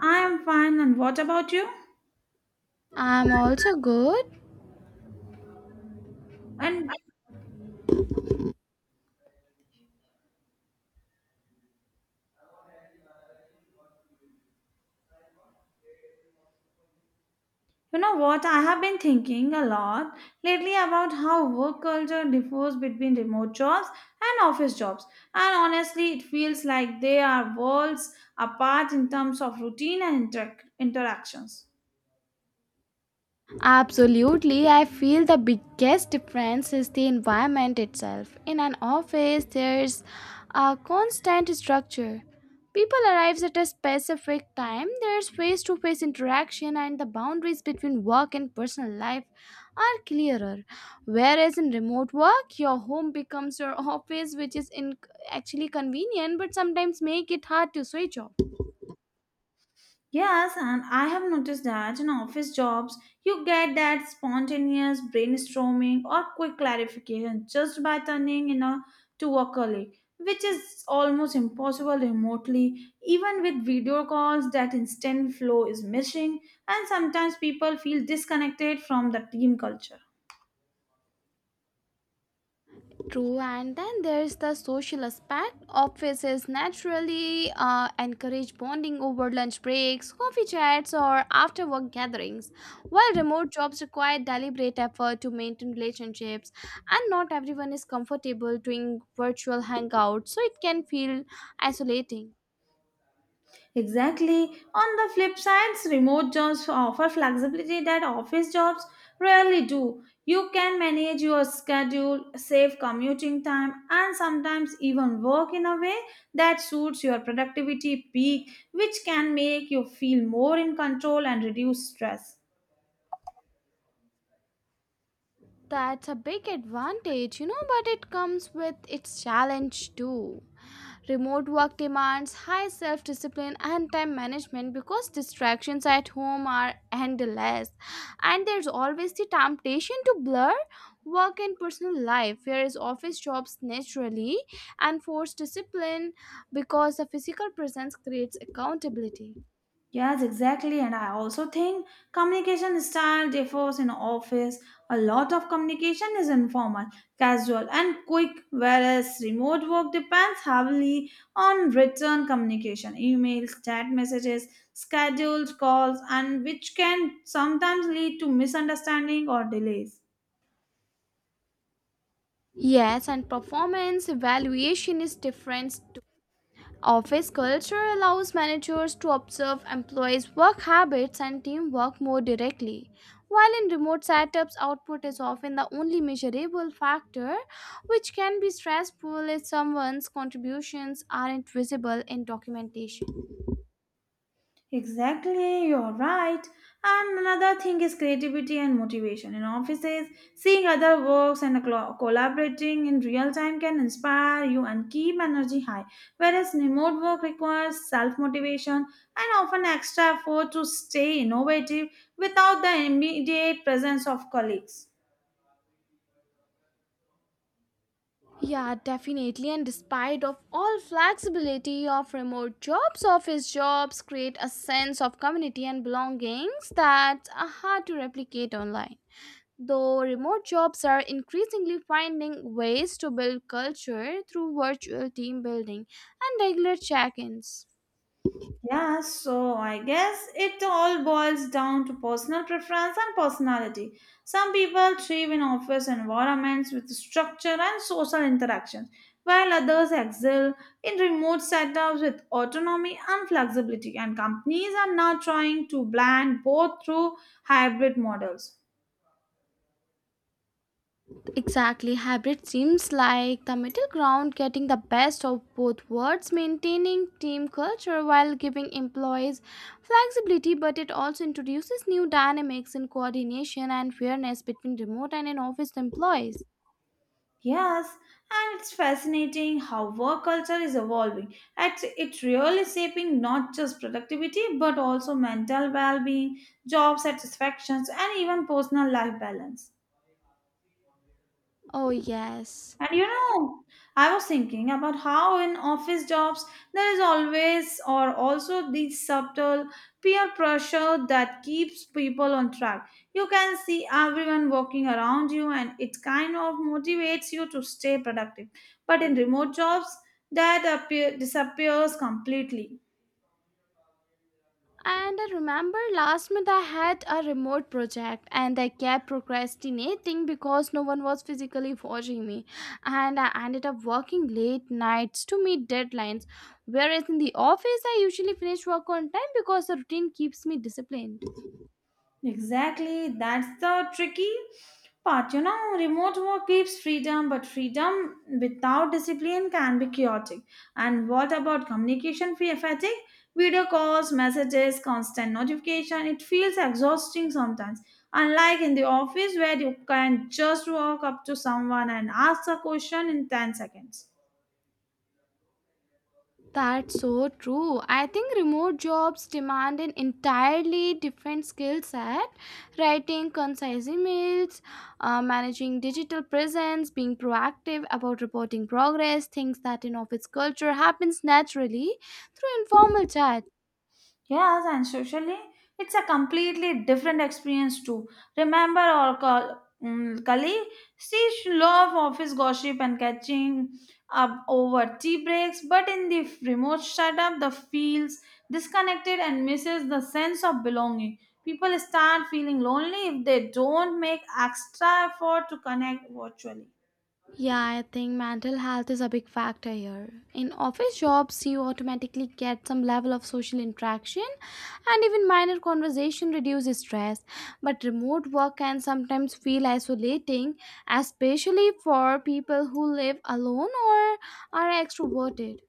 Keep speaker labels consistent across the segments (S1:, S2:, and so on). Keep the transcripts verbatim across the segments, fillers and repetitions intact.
S1: I'm fine, and what about you?
S2: I'm also good.
S1: And you know what? I have been thinking a lot lately about how work culture differs between remote jobs and office jobs. And honestly, it feels like they are worlds apart in terms of routine and inter- interactions.
S2: Absolutely. I feel the biggest difference is the environment itself. In an office, there's a constant structure. People arrive at a specific time, there's face to face interaction, and the boundaries between work and personal life are clearer. Whereas in remote work, your home becomes your office, which is in- actually convenient but sometimes make it hard to switch off.
S1: Yes, and I have noticed that in office jobs, you get that spontaneous brainstorming or quick clarification just by turning in a to a colleague, which is almost impossible remotely. Even with video calls, that instant flow is missing, and sometimes people feel disconnected from the team culture.
S2: True, and then there's the social aspect. Offices naturally uh, encourage bonding over lunch breaks, coffee chats, or after work gatherings, while remote jobs require deliberate effort to maintain relationships, and not everyone is comfortable doing virtual hangouts, so it can feel isolating.
S1: Exactly. On the flip side, remote jobs offer flexibility that office jobs rarely do. You can manage your schedule, save commuting time, and sometimes even work in a way that suits your productivity peak, which can make you feel more in control and reduce stress.
S2: That's a big advantage, you know, but it comes with its challenge too. Remote work demands high self discipline and time management because distractions at home are endless. And there's always the temptation to blur work and personal life, whereas office jobs naturally and force discipline because the physical presence creates accountability.
S1: Yes, exactly. And I also think communication style differs in office. A lot of communication is informal, casual, and quick, whereas remote work depends heavily on written communication, emails, chat messages, scheduled calls, and which can sometimes lead to misunderstanding or delays.
S2: Yes, and performance evaluation is different. Office culture allows managers to observe employees' work habits and teamwork more directly. While in remote setups, output is often the only measurable factor, which can be stressful if someone's contributions aren't visible in documentation.
S1: Exactly, you're right. And another thing is creativity and motivation. In offices, seeing other works and clo- collaborating in real time can inspire you and keep energy high. Whereas remote work requires self motivation and often extra effort to stay innovative without the immediate presence of colleagues.
S2: Yeah, definitely. And despite of all flexibility of remote jobs, office jobs create a sense of community and belongings that's uh, hard to replicate online. Though remote jobs are increasingly finding ways to build culture through virtual team building and regular check ins.
S1: Yeah, so I guess it all boils down to personal preference and personality. Some people thrive in office environments with structure and social interactions, while others excel in remote setups with autonomy and flexibility. And companies are now trying to blend both through hybrid models.
S2: Exactly, hybrid seems like the middle ground getting the best of both worlds, maintaining team culture while giving employees flexibility, but it also introduces new dynamics in coordination and fairness between remote and in office employees.
S1: Yes, and it's fascinating how work culture is evolving. It's, it's really shaping not just productivity but also mental well being, job satisfactions, and even personal life balance.
S2: Oh, yes.
S1: And you know, I was thinking about how in office jobs there is always or also this subtle peer pressure that keeps people on track. You can see everyone walking around you and it kind of motivates you to stay productive. But in remote jobs, that appear, disappears completely.
S2: And I remember last month I had a remote project and I kept procrastinating because no one was physically watching me. And I ended up working late nights to meet deadlines. Whereas in the office, I usually finish work on time because the routine keeps me disciplined.
S1: Exactly, that's the tricky part. You know, remote work gives freedom, but freedom without discipline can be chaotic. And what about communication fa- fatigue? Video calls, messages, constant notification. It feels exhausting sometimes. Unlike in the office where you can just walk up to someone and ask a question in ten seconds.
S2: That's so true. I think remote jobs demand an entirely different skill set. Writing concise emails, uh, managing digital presence, being proactive about reporting progress, things that in office culture happens naturally through informal chat.
S1: Yes, and socially, it's a completely different experience too. Remember our co- mm, colleague? She loved office gossip and catching up over tea breaks, but in the remote setup, the feels disconnected and misses the sense of belonging. People start feeling lonely if they don't make extra effort to connect virtually.
S2: Yeah, I think mental health is a big factor here. In office jobs, you automatically get some level of social interaction and even minor conversation reduces stress. But remote work can sometimes feel isolating, especially for people who live alone or are extroverted.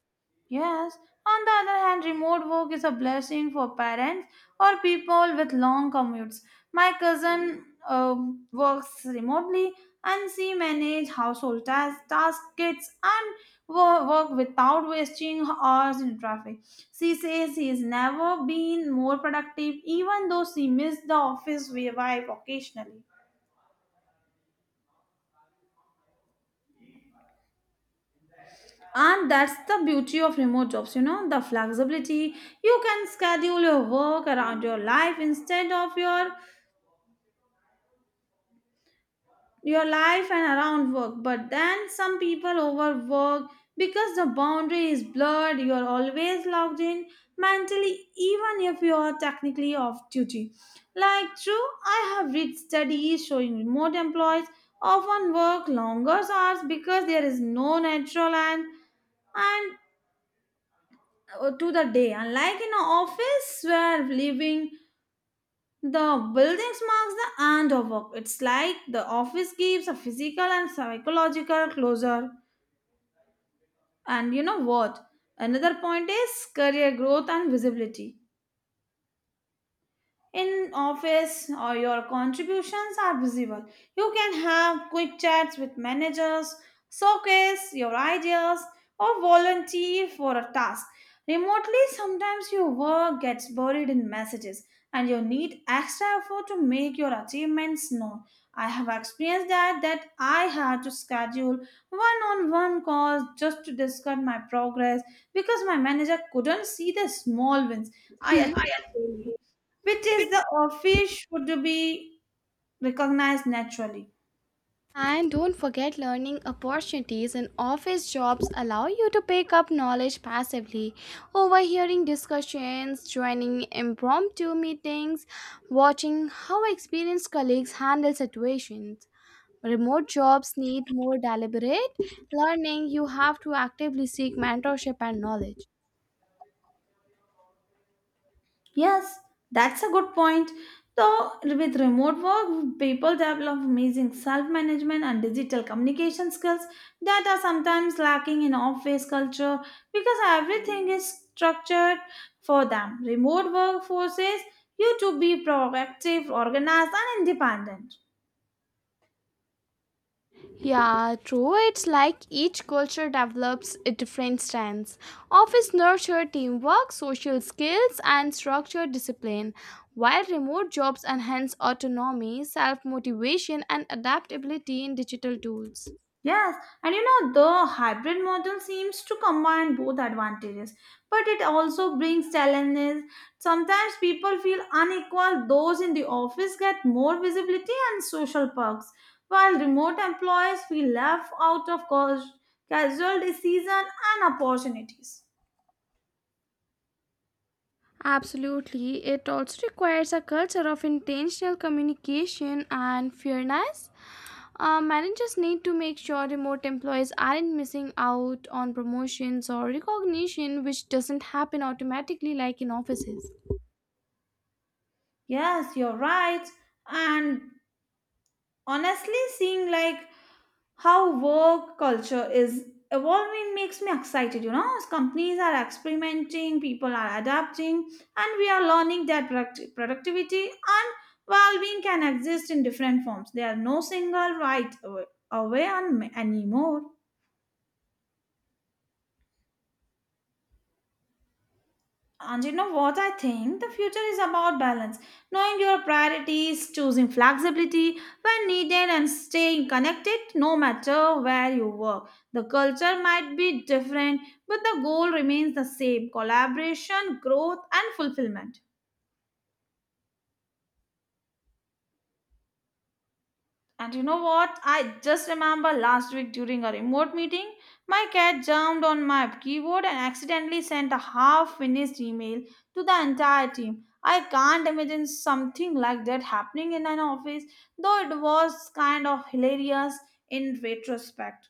S1: Yes, on the other hand, remote work is a blessing for parents or people with long commutes. My cousin uh, works remotely and she manages household tasks, task kits and wo- work without wasting hours in traffic. She says she has never been more productive even though she missed the office vibe occasionally. And that's the beauty of remote jobs, you know, the flexibility. You can schedule your work around your life instead of your your life and around work. But then some people overwork because the boundary is blurred, you're always logged in mentally, even if you are technically off duty. Like true, I have read studies showing remote employees often work longer hours because there is no natural and and uh, to the day. Unlike in an office where leaving the buildings marks the end of work, it's like the office gives a physical and psychological closure. And you know what? Another point is career growth and visibility. In office or your contributions are visible, you can have quick chats with managers, showcase your ideas, or volunteer for a task. Remotely, sometimes your work gets buried in messages and you need extra effort to make your achievements known. I have experienced that that I had to schedule one-on-one calls just to discuss my progress because my manager couldn't see the small wins I
S2: Hmm.
S1: achieved daily, which is the office should be recognized naturally.
S2: And don't forget learning opportunities in office jobs allow you to pick up knowledge passively, overhearing discussions, joining impromptu meetings, watching how experienced colleagues handle situations. Remote jobs need more deliberate learning. You have to actively seek mentorship and knowledge.
S1: Yes, that's a good point. Though with remote work, people develop amazing self-management and digital communication skills that are sometimes lacking in office culture because everything is structured for them. Remote work forces you to be proactive, organized, and independent.
S2: Yeah, true. It's like each culture develops a different stance. Office nurture teamwork, social skills, and structured discipline, while remote jobs enhance autonomy, self motivation, and adaptability in digital tools.
S1: Yes, and you know the hybrid model seems to combine both advantages, but it also brings challenges. Sometimes people feel unequal, those in the office get more visibility and social perks, while remote employees feel left out of cas- casual decision and opportunities.
S2: Absolutely. It also requires a culture of intentional communication and fairness. Uh, managers need to make sure remote employees aren't missing out on promotions or recognition, which doesn't happen automatically like in offices.
S1: Yes, you're right. And honestly, seeing like how work culture is evolving makes me excited, you know. As companies are experimenting, people are adapting, and we are learning that product- productivity and well-being can exist in different forms. There are no single right away away on anymore. And you know what I think? The future is about balance, knowing your priorities, choosing flexibility when needed, and staying connected no matter where you work. The culture might be different, but the goal remains the same: collaboration, growth, and fulfillment. And you know what? I just remember last week during a remote meeting, my cat jumped on my keyboard and accidentally sent a half finished email to the entire team. I can't imagine something like that happening in an office, though it was kind of hilarious in retrospect.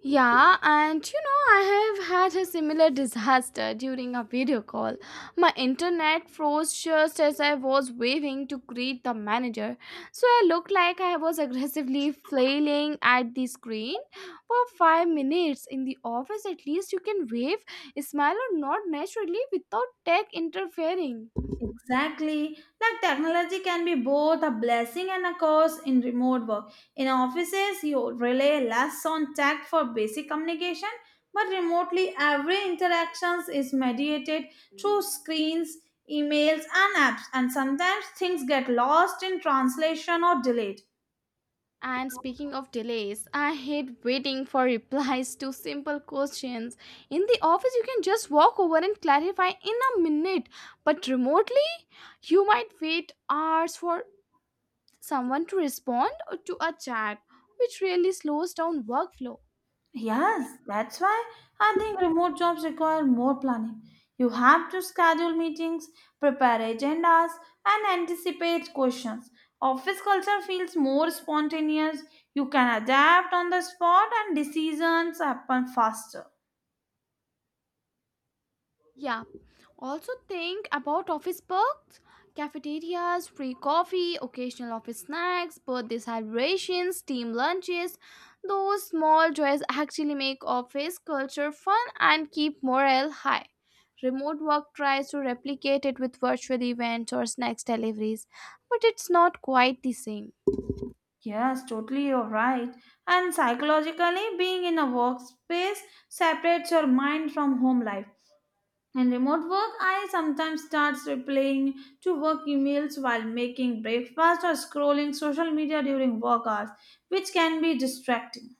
S2: Yeah, and you know, I have had a similar disaster during a video call. My internet froze just as I was waving to greet the manager, so I looked like I was aggressively flailing at the screen for five minutes. In the office, at least you can wave, smile, or nod naturally without tech interfering.
S1: Exactly. Like technology can be both a blessing and a curse in remote work. In offices, you rely less on tech for basic communication, but remotely, every interaction is mediated through screens, emails, and apps, and sometimes things get lost in translation or delayed.
S2: And speaking of delays, I hate waiting for replies to simple questions. In the office, you can just walk over and clarify in a minute, but remotely, you might wait hours for someone to respond or to a chat, which really slows down workflow.
S1: Yes, that's why I think remote jobs require more planning. You have to schedule meetings, prepare agendas, and anticipate questions. Office culture feels more spontaneous. You can adapt on the spot, and decisions happen faster.
S2: Yeah. Also think about office perks, cafeterias, free coffee, occasional office snacks, birthday celebrations, team lunches. Those small joys actually make office culture fun and keep morale high. Remote work tries to replicate it with virtual events or snacks deliveries, but it's not quite the same.
S1: Yes, totally, you're right. And psychologically, being in a workspace separates your mind from home life. In remote work, I sometimes start replying to work emails while making breakfast or scrolling social media during work hours, which can be distracting.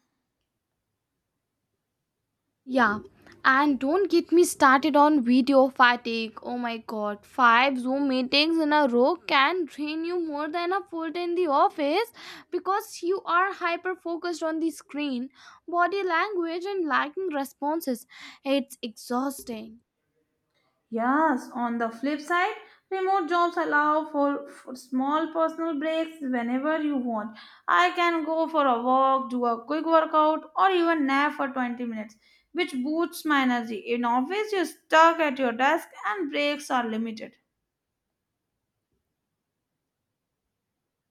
S2: Yeah, and don't get me started on video fatigue. Oh my god, five Zoom meetings in a row can drain you more than a full day in the office because you are hyper focused on the screen, body language, and lacking responses. It's exhausting.
S1: Yes, on the flip side, remote jobs allow for, for small personal breaks whenever you want. I can go for a walk, do a quick workout, or even nap for twenty minutes, which boosts my energy. In office, you're stuck at your desk and breaks are limited.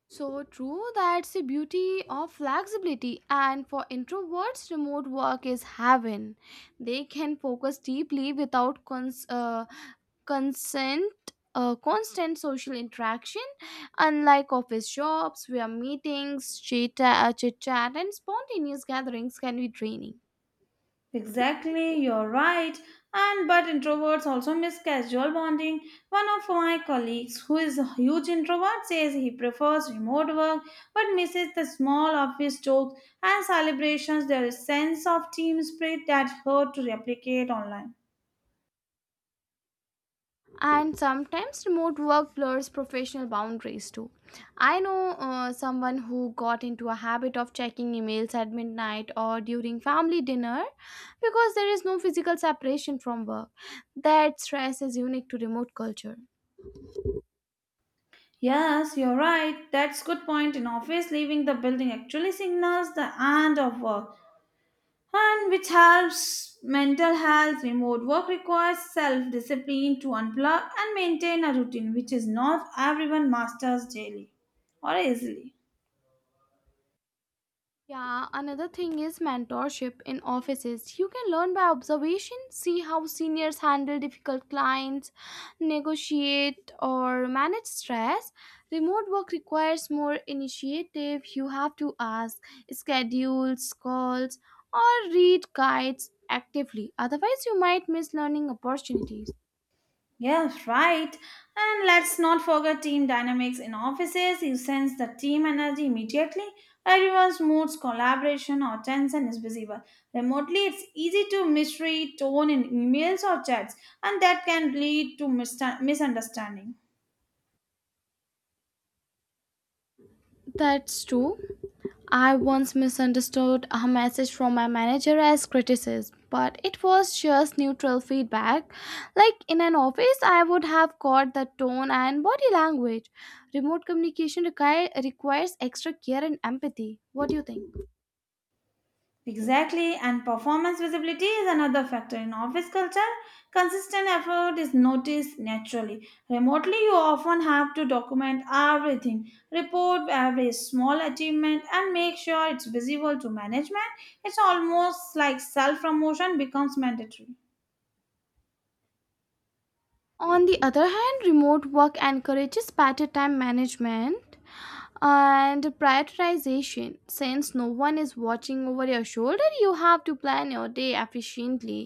S2: So true, that's the beauty of flexibility, and for introverts, remote work is heaven. They can focus deeply without cons- uh, consent uh, constant social interaction unlike office jobs where meetings chit uh, chit chat and spontaneous gatherings can be draining.
S1: Exactly, you're right. And but introverts also miss casual bonding. One of my colleagues, who is a huge introvert, says he prefers remote work but misses the small office jokes and celebrations. There is sense of team spirit that's hard to replicate online.
S2: And sometimes remote work blurs professional boundaries too. I know uh, someone who got into a habit of checking emails at midnight or during family dinner because there is no physical separation from work. That stress is unique to remote culture.
S1: Yes, you're right. That's good point. In office, leaving the building actually signals the end of work, and which helps mental health. Remote work requires self discipline to unplug and maintain a routine, which is not everyone masters daily or easily.
S2: Yeah, another thing is mentorship in offices. You can learn by observation, see how seniors handle difficult clients, negotiate, or manage stress. Remote work requires more initiative. You have to ask, schedule calls, or read guides actively. Otherwise, you might miss learning opportunities.
S1: Yes, right. And let's not forget team dynamics in offices. You sense the team energy immediately. Everyone's moods, collaboration, or tension is visible. Remotely, it's easy to misread tone in emails or chats, and that can lead to mista- misunderstanding.
S2: That's true. I once misunderstood a message from my manager as criticism, but it was just neutral feedback. Like in an office, I would have caught the tone and body language. Remote communication require, requires extra care and empathy. What do you think?
S1: Exactly, and performance visibility is another factor in office culture. Consistent effort is noticed naturally. Remotely, you often have to document everything, report every small achievement, and make sure it's visible to management. It's almost like self promotion becomes mandatory.
S2: On the other hand, remote work encourages better time management and prioritization. Since no one is watching over your shoulder, you have to plan your day efficiently,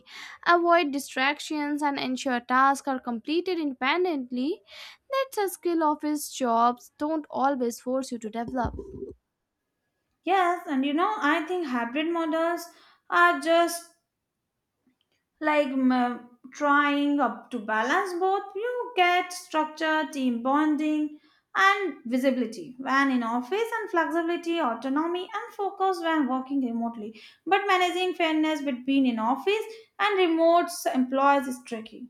S2: avoid distractions, and ensure tasks are completed independently. That's a skill office jobs don't always force you to develop.
S1: Yes, and you know, I think hybrid models are just like m- trying up to balance both. You get structure, team bonding, and visibility when in office, and flexibility, autonomy, and focus when working remotely, but managing fairness between in office and remote employees is tricky.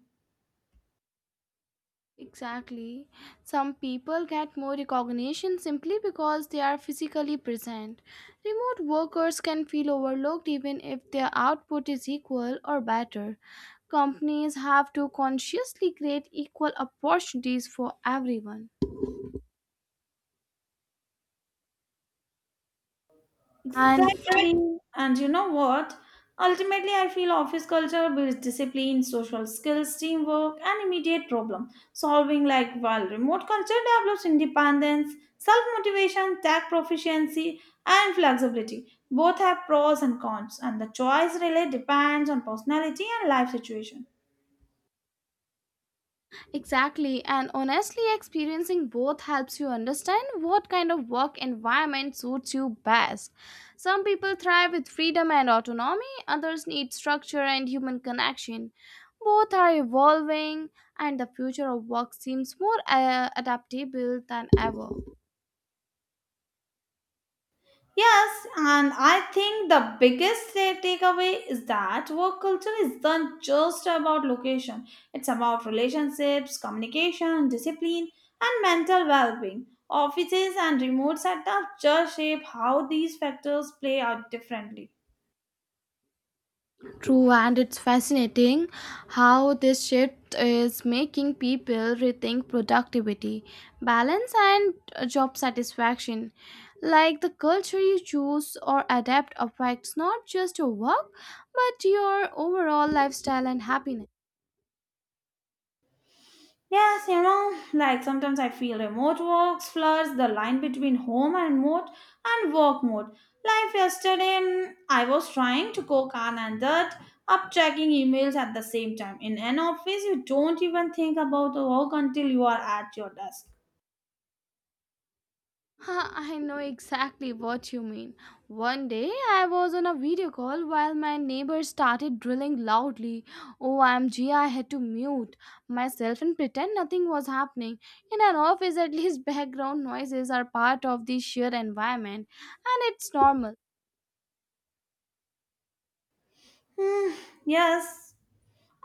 S2: Exactly. Some people get more recognition simply because they are physically present. Remote workers can feel overlooked even if their output is equal or better. Companies have to consciously create equal opportunities for everyone. And
S1: Exactly. And you know what? Ultimately, I feel office culture builds discipline, social skills, teamwork, and immediate problem solving, like while remote culture develops independence, self motivation, tech proficiency, and flexibility. Both have pros and cons, and the choice really depends on personality and life situation.
S2: exactly, and honestly, experiencing both helps you understand what kind of work environment suits you best. Some people thrive with freedom and autonomy, others need structure and human connection. Both are evolving, and the future of work seems more uh, adaptable than ever.
S1: Yes, and I think the biggest ta- takeaway is that work culture isn't just about location, it's about relationships, communication, discipline, and mental well being. Offices and remote setups just shape how these factors play out differently.
S2: True, and it's fascinating how this shift is making people rethink productivity, balance, and uh, job satisfaction. Like the culture you choose or adapt affects not just your work, but your overall lifestyle and happiness.
S1: Yes, you know, like sometimes I feel remote works blurs the line between home and mode and work mode. Like yesterday, mm, I was trying to cook on and that up checking emails at the same time. In an office, you don't even think about the work until you are at your desk.
S2: I know exactly what you mean. One day I was on a video call while my neighbor started drilling loudly. Oh, O M G, I had to mute myself and pretend nothing was happening. In an office, at least background noises are part of the sheer environment, and it's normal.
S1: Hmm, yes.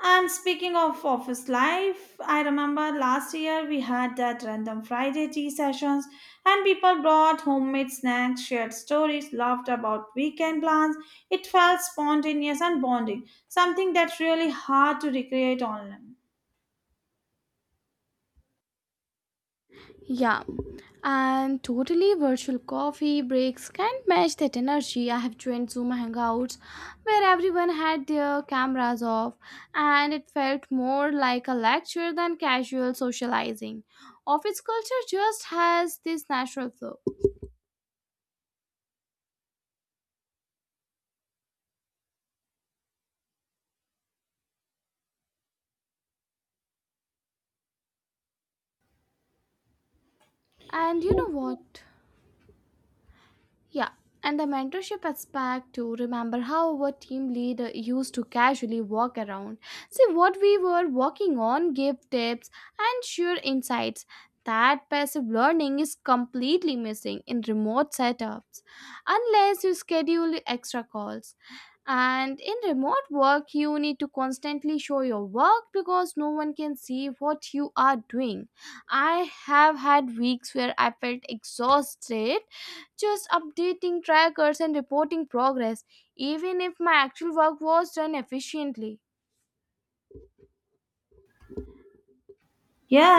S1: And speaking of office life, I remember last year we had that random Friday tea sessions, and people brought homemade snacks, shared stories, laughed about weekend plans. It felt spontaneous and bonding, something that's really hard to recreate online.
S2: Yeah, and totally virtual coffee breaks can't match that energy. I have joined Zoom Hangouts where everyone had their cameras off, and it felt more like a lecture than casual socializing. Office culture just has this natural flow. And you know what? Yeah, and the mentorship aspect to remember how our team leader used to casually walk around, see what we were working on, give tips, and share insights. That passive learning is completely missing in remote setups unless you schedule extra calls. And in remote work, you need to constantly show your work because no one can see what you are doing. I have had weeks where I felt exhausted just updating trackers and reporting progress, even if my actual work was done efficiently.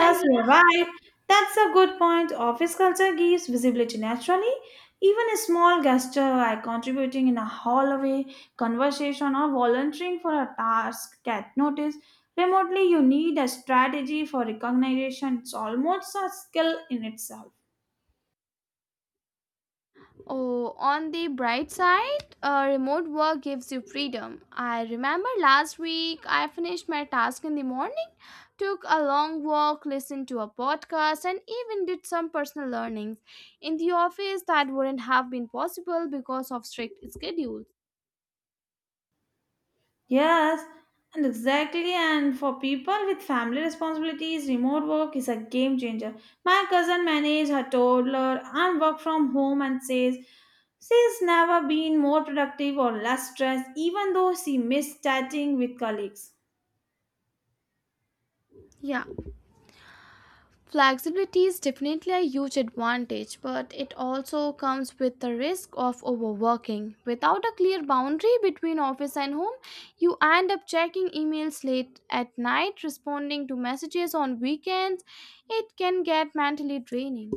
S2: And
S1: you're right. That's a good point. Office culture gives visibility naturally. Even a small gesture like contributing in a hallway conversation or volunteering for a task get noticed. Remotely, you need a strategy for recognition. It's almost a skill in itself.
S2: oh, on the bright side, uh, remote work gives you freedom. I remember last week I finished my task in the morning, took a long walk, listened to a podcast, and even did some personal learnings in the office that wouldn't have been possible because of strict schedules.
S1: Yes, and exactly. And for people with family responsibilities, remote work is a game changer. My cousin managed her toddler and work from home and says she's never been more productive or less stressed, even though she missed chatting with colleagues.
S2: Yeah, flexibility is definitely a huge advantage, but it also comes with the risk of overworking. Without a clear boundary between office and home, you end up checking emails late at night, responding to messages on weekends. It can get mentally draining.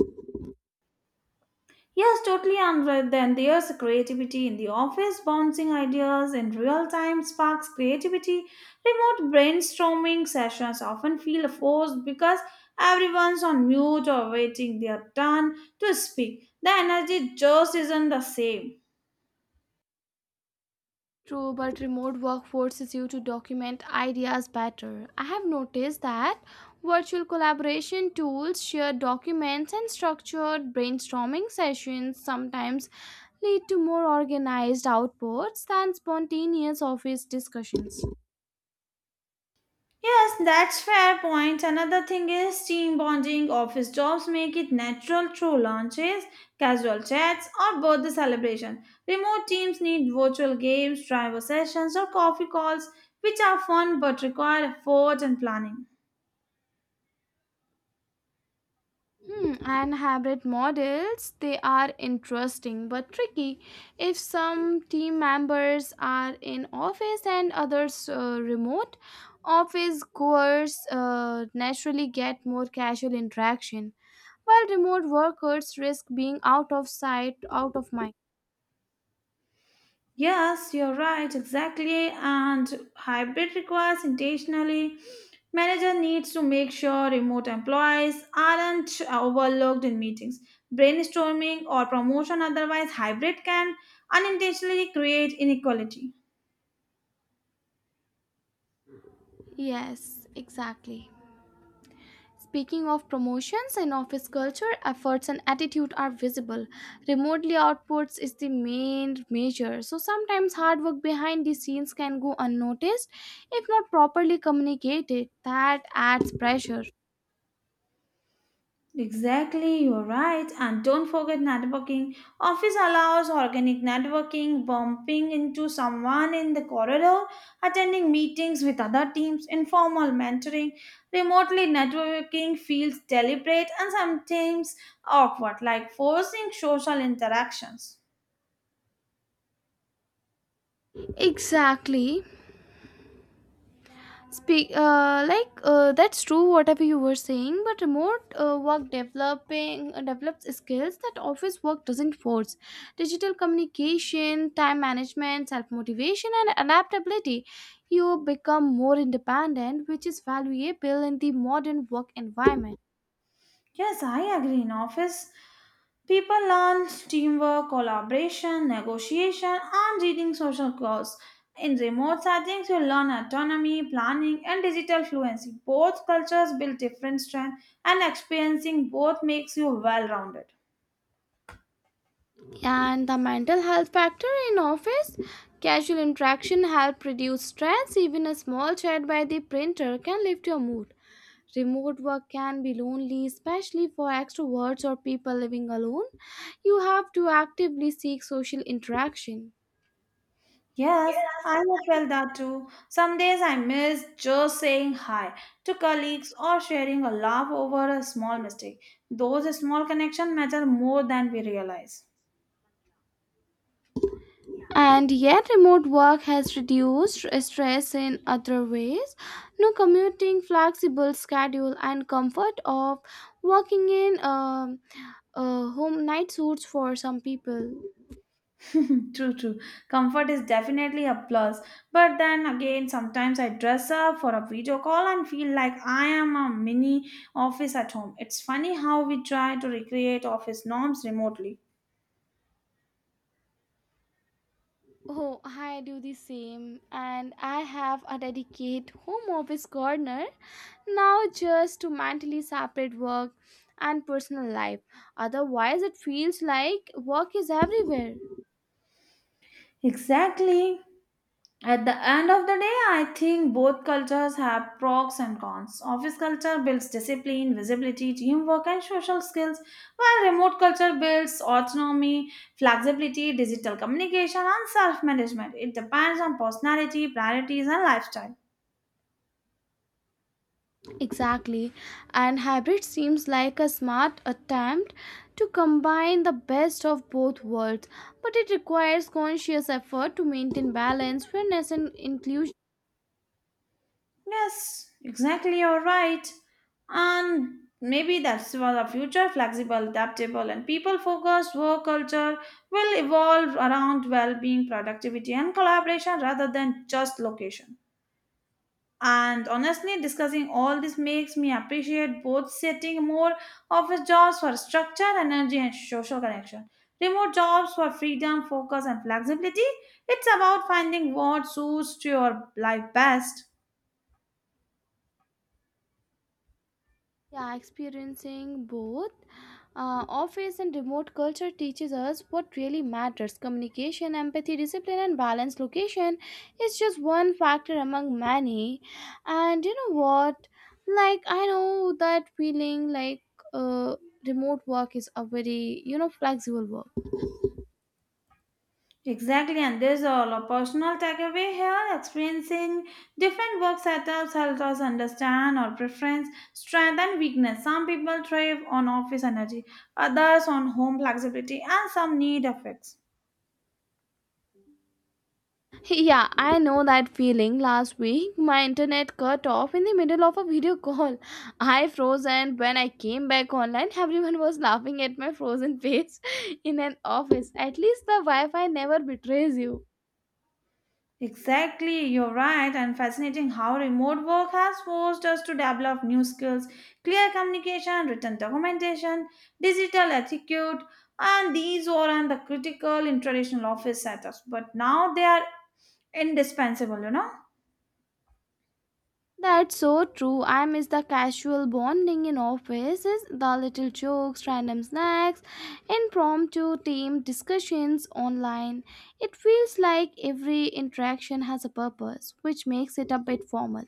S1: Yes, totally. And right then there's creativity in the office, bouncing ideas in real time sparks creativity. Remote brainstorming sessions often feel forced because everyone's on mute or waiting their turn to speak. The energy just isn't the same.
S2: True, but remote work forces you to document ideas better. I have noticed that virtual collaboration tools, shared documents, and structured brainstorming sessions sometimes lead to more organized outputs than spontaneous office discussions.
S1: Yes, that's fair point. Another thing is team bonding. Office jobs make it natural through lunches, casual chats, or birthday celebration. Remote teams need virtual games, driver sessions, or coffee calls, which are fun but require effort and planning.
S2: Hmm, and hybrid models, they are interesting but tricky. If some team members are in office and others uh, remote, office goers uh, naturally get more casual interaction, while remote workers risk being out of sight, out of mind.
S1: Yes, you're right, exactly. And hybrid requires intentionally. Manager needs to make sure remote employees aren't overlooked in meetings, brainstorming, or promotion. Otherwise, hybrid can unintentionally create inequality.
S2: Yes, exactly. Speaking of promotions in office culture, efforts and attitude are visible. Remotely outputs is the main measure. So sometimes hard work behind the scenes can go unnoticed if not properly communicated. That adds pressure.
S1: Exactly, you're right. And don't forget networking. Office allows organic networking, bumping into someone in the corridor, attending meetings with other teams, informal mentoring. Remotely networking feels deliberate and sometimes awkward, like forcing social interactions.
S2: Exactly. Speak uh, like uh, That's true whatever you were saying, but remote uh, work developing uh, develops skills that office work doesn't force. Digital communication, time management, self motivation, and adaptability. You become more independent, which is valuable in the modern work environment.
S1: Yes, I agree. In office, people learn teamwork, collaboration, negotiation, and reading social cues. In remote settings, you learn autonomy, planning, and digital fluency. Both cultures build different strengths, and experiencing both makes you well rounded.
S2: And the mental health factor in office, casual interaction help reduce stress. Even a small chat by the printer can lift your mood. Remote work can be lonely, especially for extroverts or people living alone. You have to actively seek social interaction.
S1: Yes, I have felt that too. Some days I miss just saying hi to colleagues or sharing a laugh over a small mistake. Those small connections matter more than we realize.
S2: And yet, remote work has reduced stress in other ways. No commuting, flexible schedule, and comfort of working in um, uh, home night suits for some people.
S1: True, true. Comfort is definitely a plus. But then again, sometimes I dress up for a video call and feel like I am a mini office at home. It's funny how we try to recreate office norms remotely.
S2: Oh, I do the same, and I have a dedicated home office corner now just to mentally separate work and personal life, otherwise it feels like work is everywhere.
S1: Exactly. At the end of the day, I think both cultures have pros and cons. Office culture builds discipline, visibility, teamwork, and social skills, while remote culture builds autonomy, flexibility, digital communication, and self management. It depends on personality, priorities, and lifestyle.
S2: Exactly, and hybrid seems like a smart attempt to combine the best of both worlds, but it requires conscious effort to maintain balance, fairness, and inclusion.
S1: Yes, exactly, you're right. And maybe that's why the future flexible, adaptable, and people focused work culture will evolve around well being, productivity, and collaboration rather than just location. And honestly, discussing all this makes me appreciate both setting more office jobs for structure, energy, and social connection. Remote jobs for freedom, focus, and flexibility. It's about finding what suits to your life best.
S2: Yeah, experiencing both uh, office and remote culture teaches us what really matters: communication, empathy, discipline, and balance. Location is just one factor among many. And you know what? Like, I know that feeling, like uh, remote work is a very, you know, flexible work.
S1: Exactly, and there's all a personal takeaway here. Experiencing different work setups helps us understand our preference, strength, and weakness. Some people thrive on office energy, others on home flexibility, and some need effects.
S2: Yeah, I know that feeling. Last week, my internet cut off in the middle of a video call. I froze, and when I came back online, everyone was laughing at my frozen face in an office. At least the Wi Fi never betrays you.
S1: Exactly, you're right, and fascinating how remote work has forced us to develop new skills, clear communication, written documentation, digital etiquette, and these weren't the critical in traditional office setups, but now they are indispensable you know
S2: That's so true. I miss the casual bonding in offices, the little jokes, random snacks, impromptu team discussions online. It feels like every interaction has a purpose, which makes it a bit formal.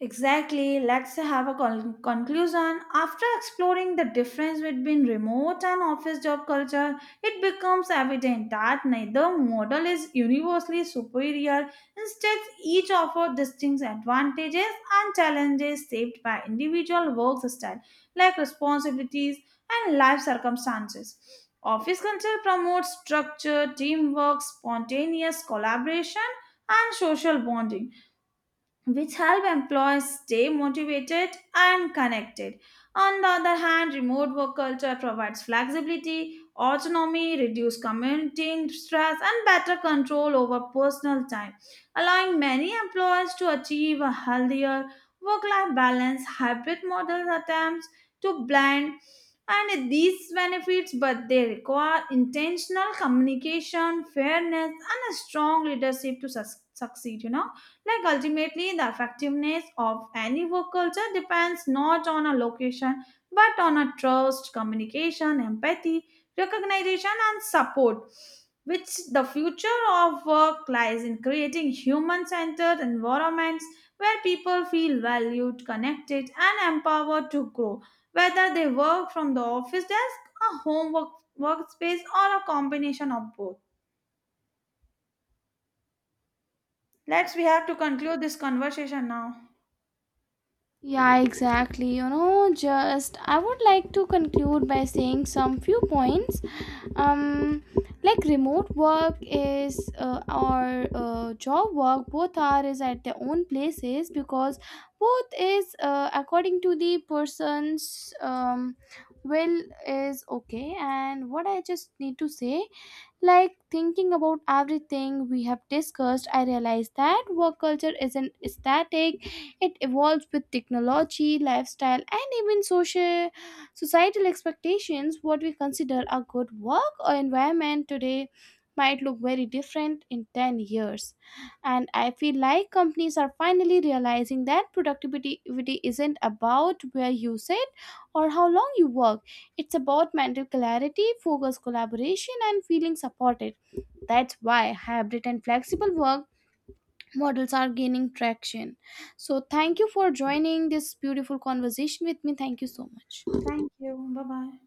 S1: Exactly, let's have a con- conclusion. After exploring the difference between remote and office job culture, it becomes evident that neither model is universally superior. Instead, each offers distinct advantages and challenges shaped by individual work style, like responsibilities and life circumstances. Office culture promotes structure, teamwork, spontaneous collaboration, and social bonding, which help employees stay motivated and connected. On the other hand, remote work culture provides flexibility, autonomy, reduced commuting stress, and better control over personal time, allowing many employees to achieve a healthier work life balance. Hybrid models attempts to blend and these benefits, but they require intentional communication, fairness, and a strong leadership to sus- succeed, you know Like, ultimately, the effectiveness of any work culture depends not on a location, but on a trust, communication, empathy, recognition, and support. Which the future of work lies in creating human centered environments where people feel valued, connected, and empowered to grow, whether they work from the office desk, a home work, workspace, or a combination of both. Let's we have to conclude this conversation now.
S2: Yeah, exactly. You know, just I would like to conclude by saying some few points. Um, like remote work is uh, or uh, job work, both are is at their own places because both is uh, according to the person's um will is okay. And what I just need to say, like thinking about everything we have discussed, I realized that work culture isn't static. It evolves with technology, lifestyle, and even social societal expectations. What we consider a good work or environment today might look very different in ten years. And I feel like companies are finally realizing that productivity isn't about where you sit or how long you work, it's about mental clarity, focus, collaboration, and feeling supported. That's why hybrid and flexible work models are gaining traction. So, thank you for joining this beautiful conversation with me. Thank you so much.
S1: Thank you. Bye bye.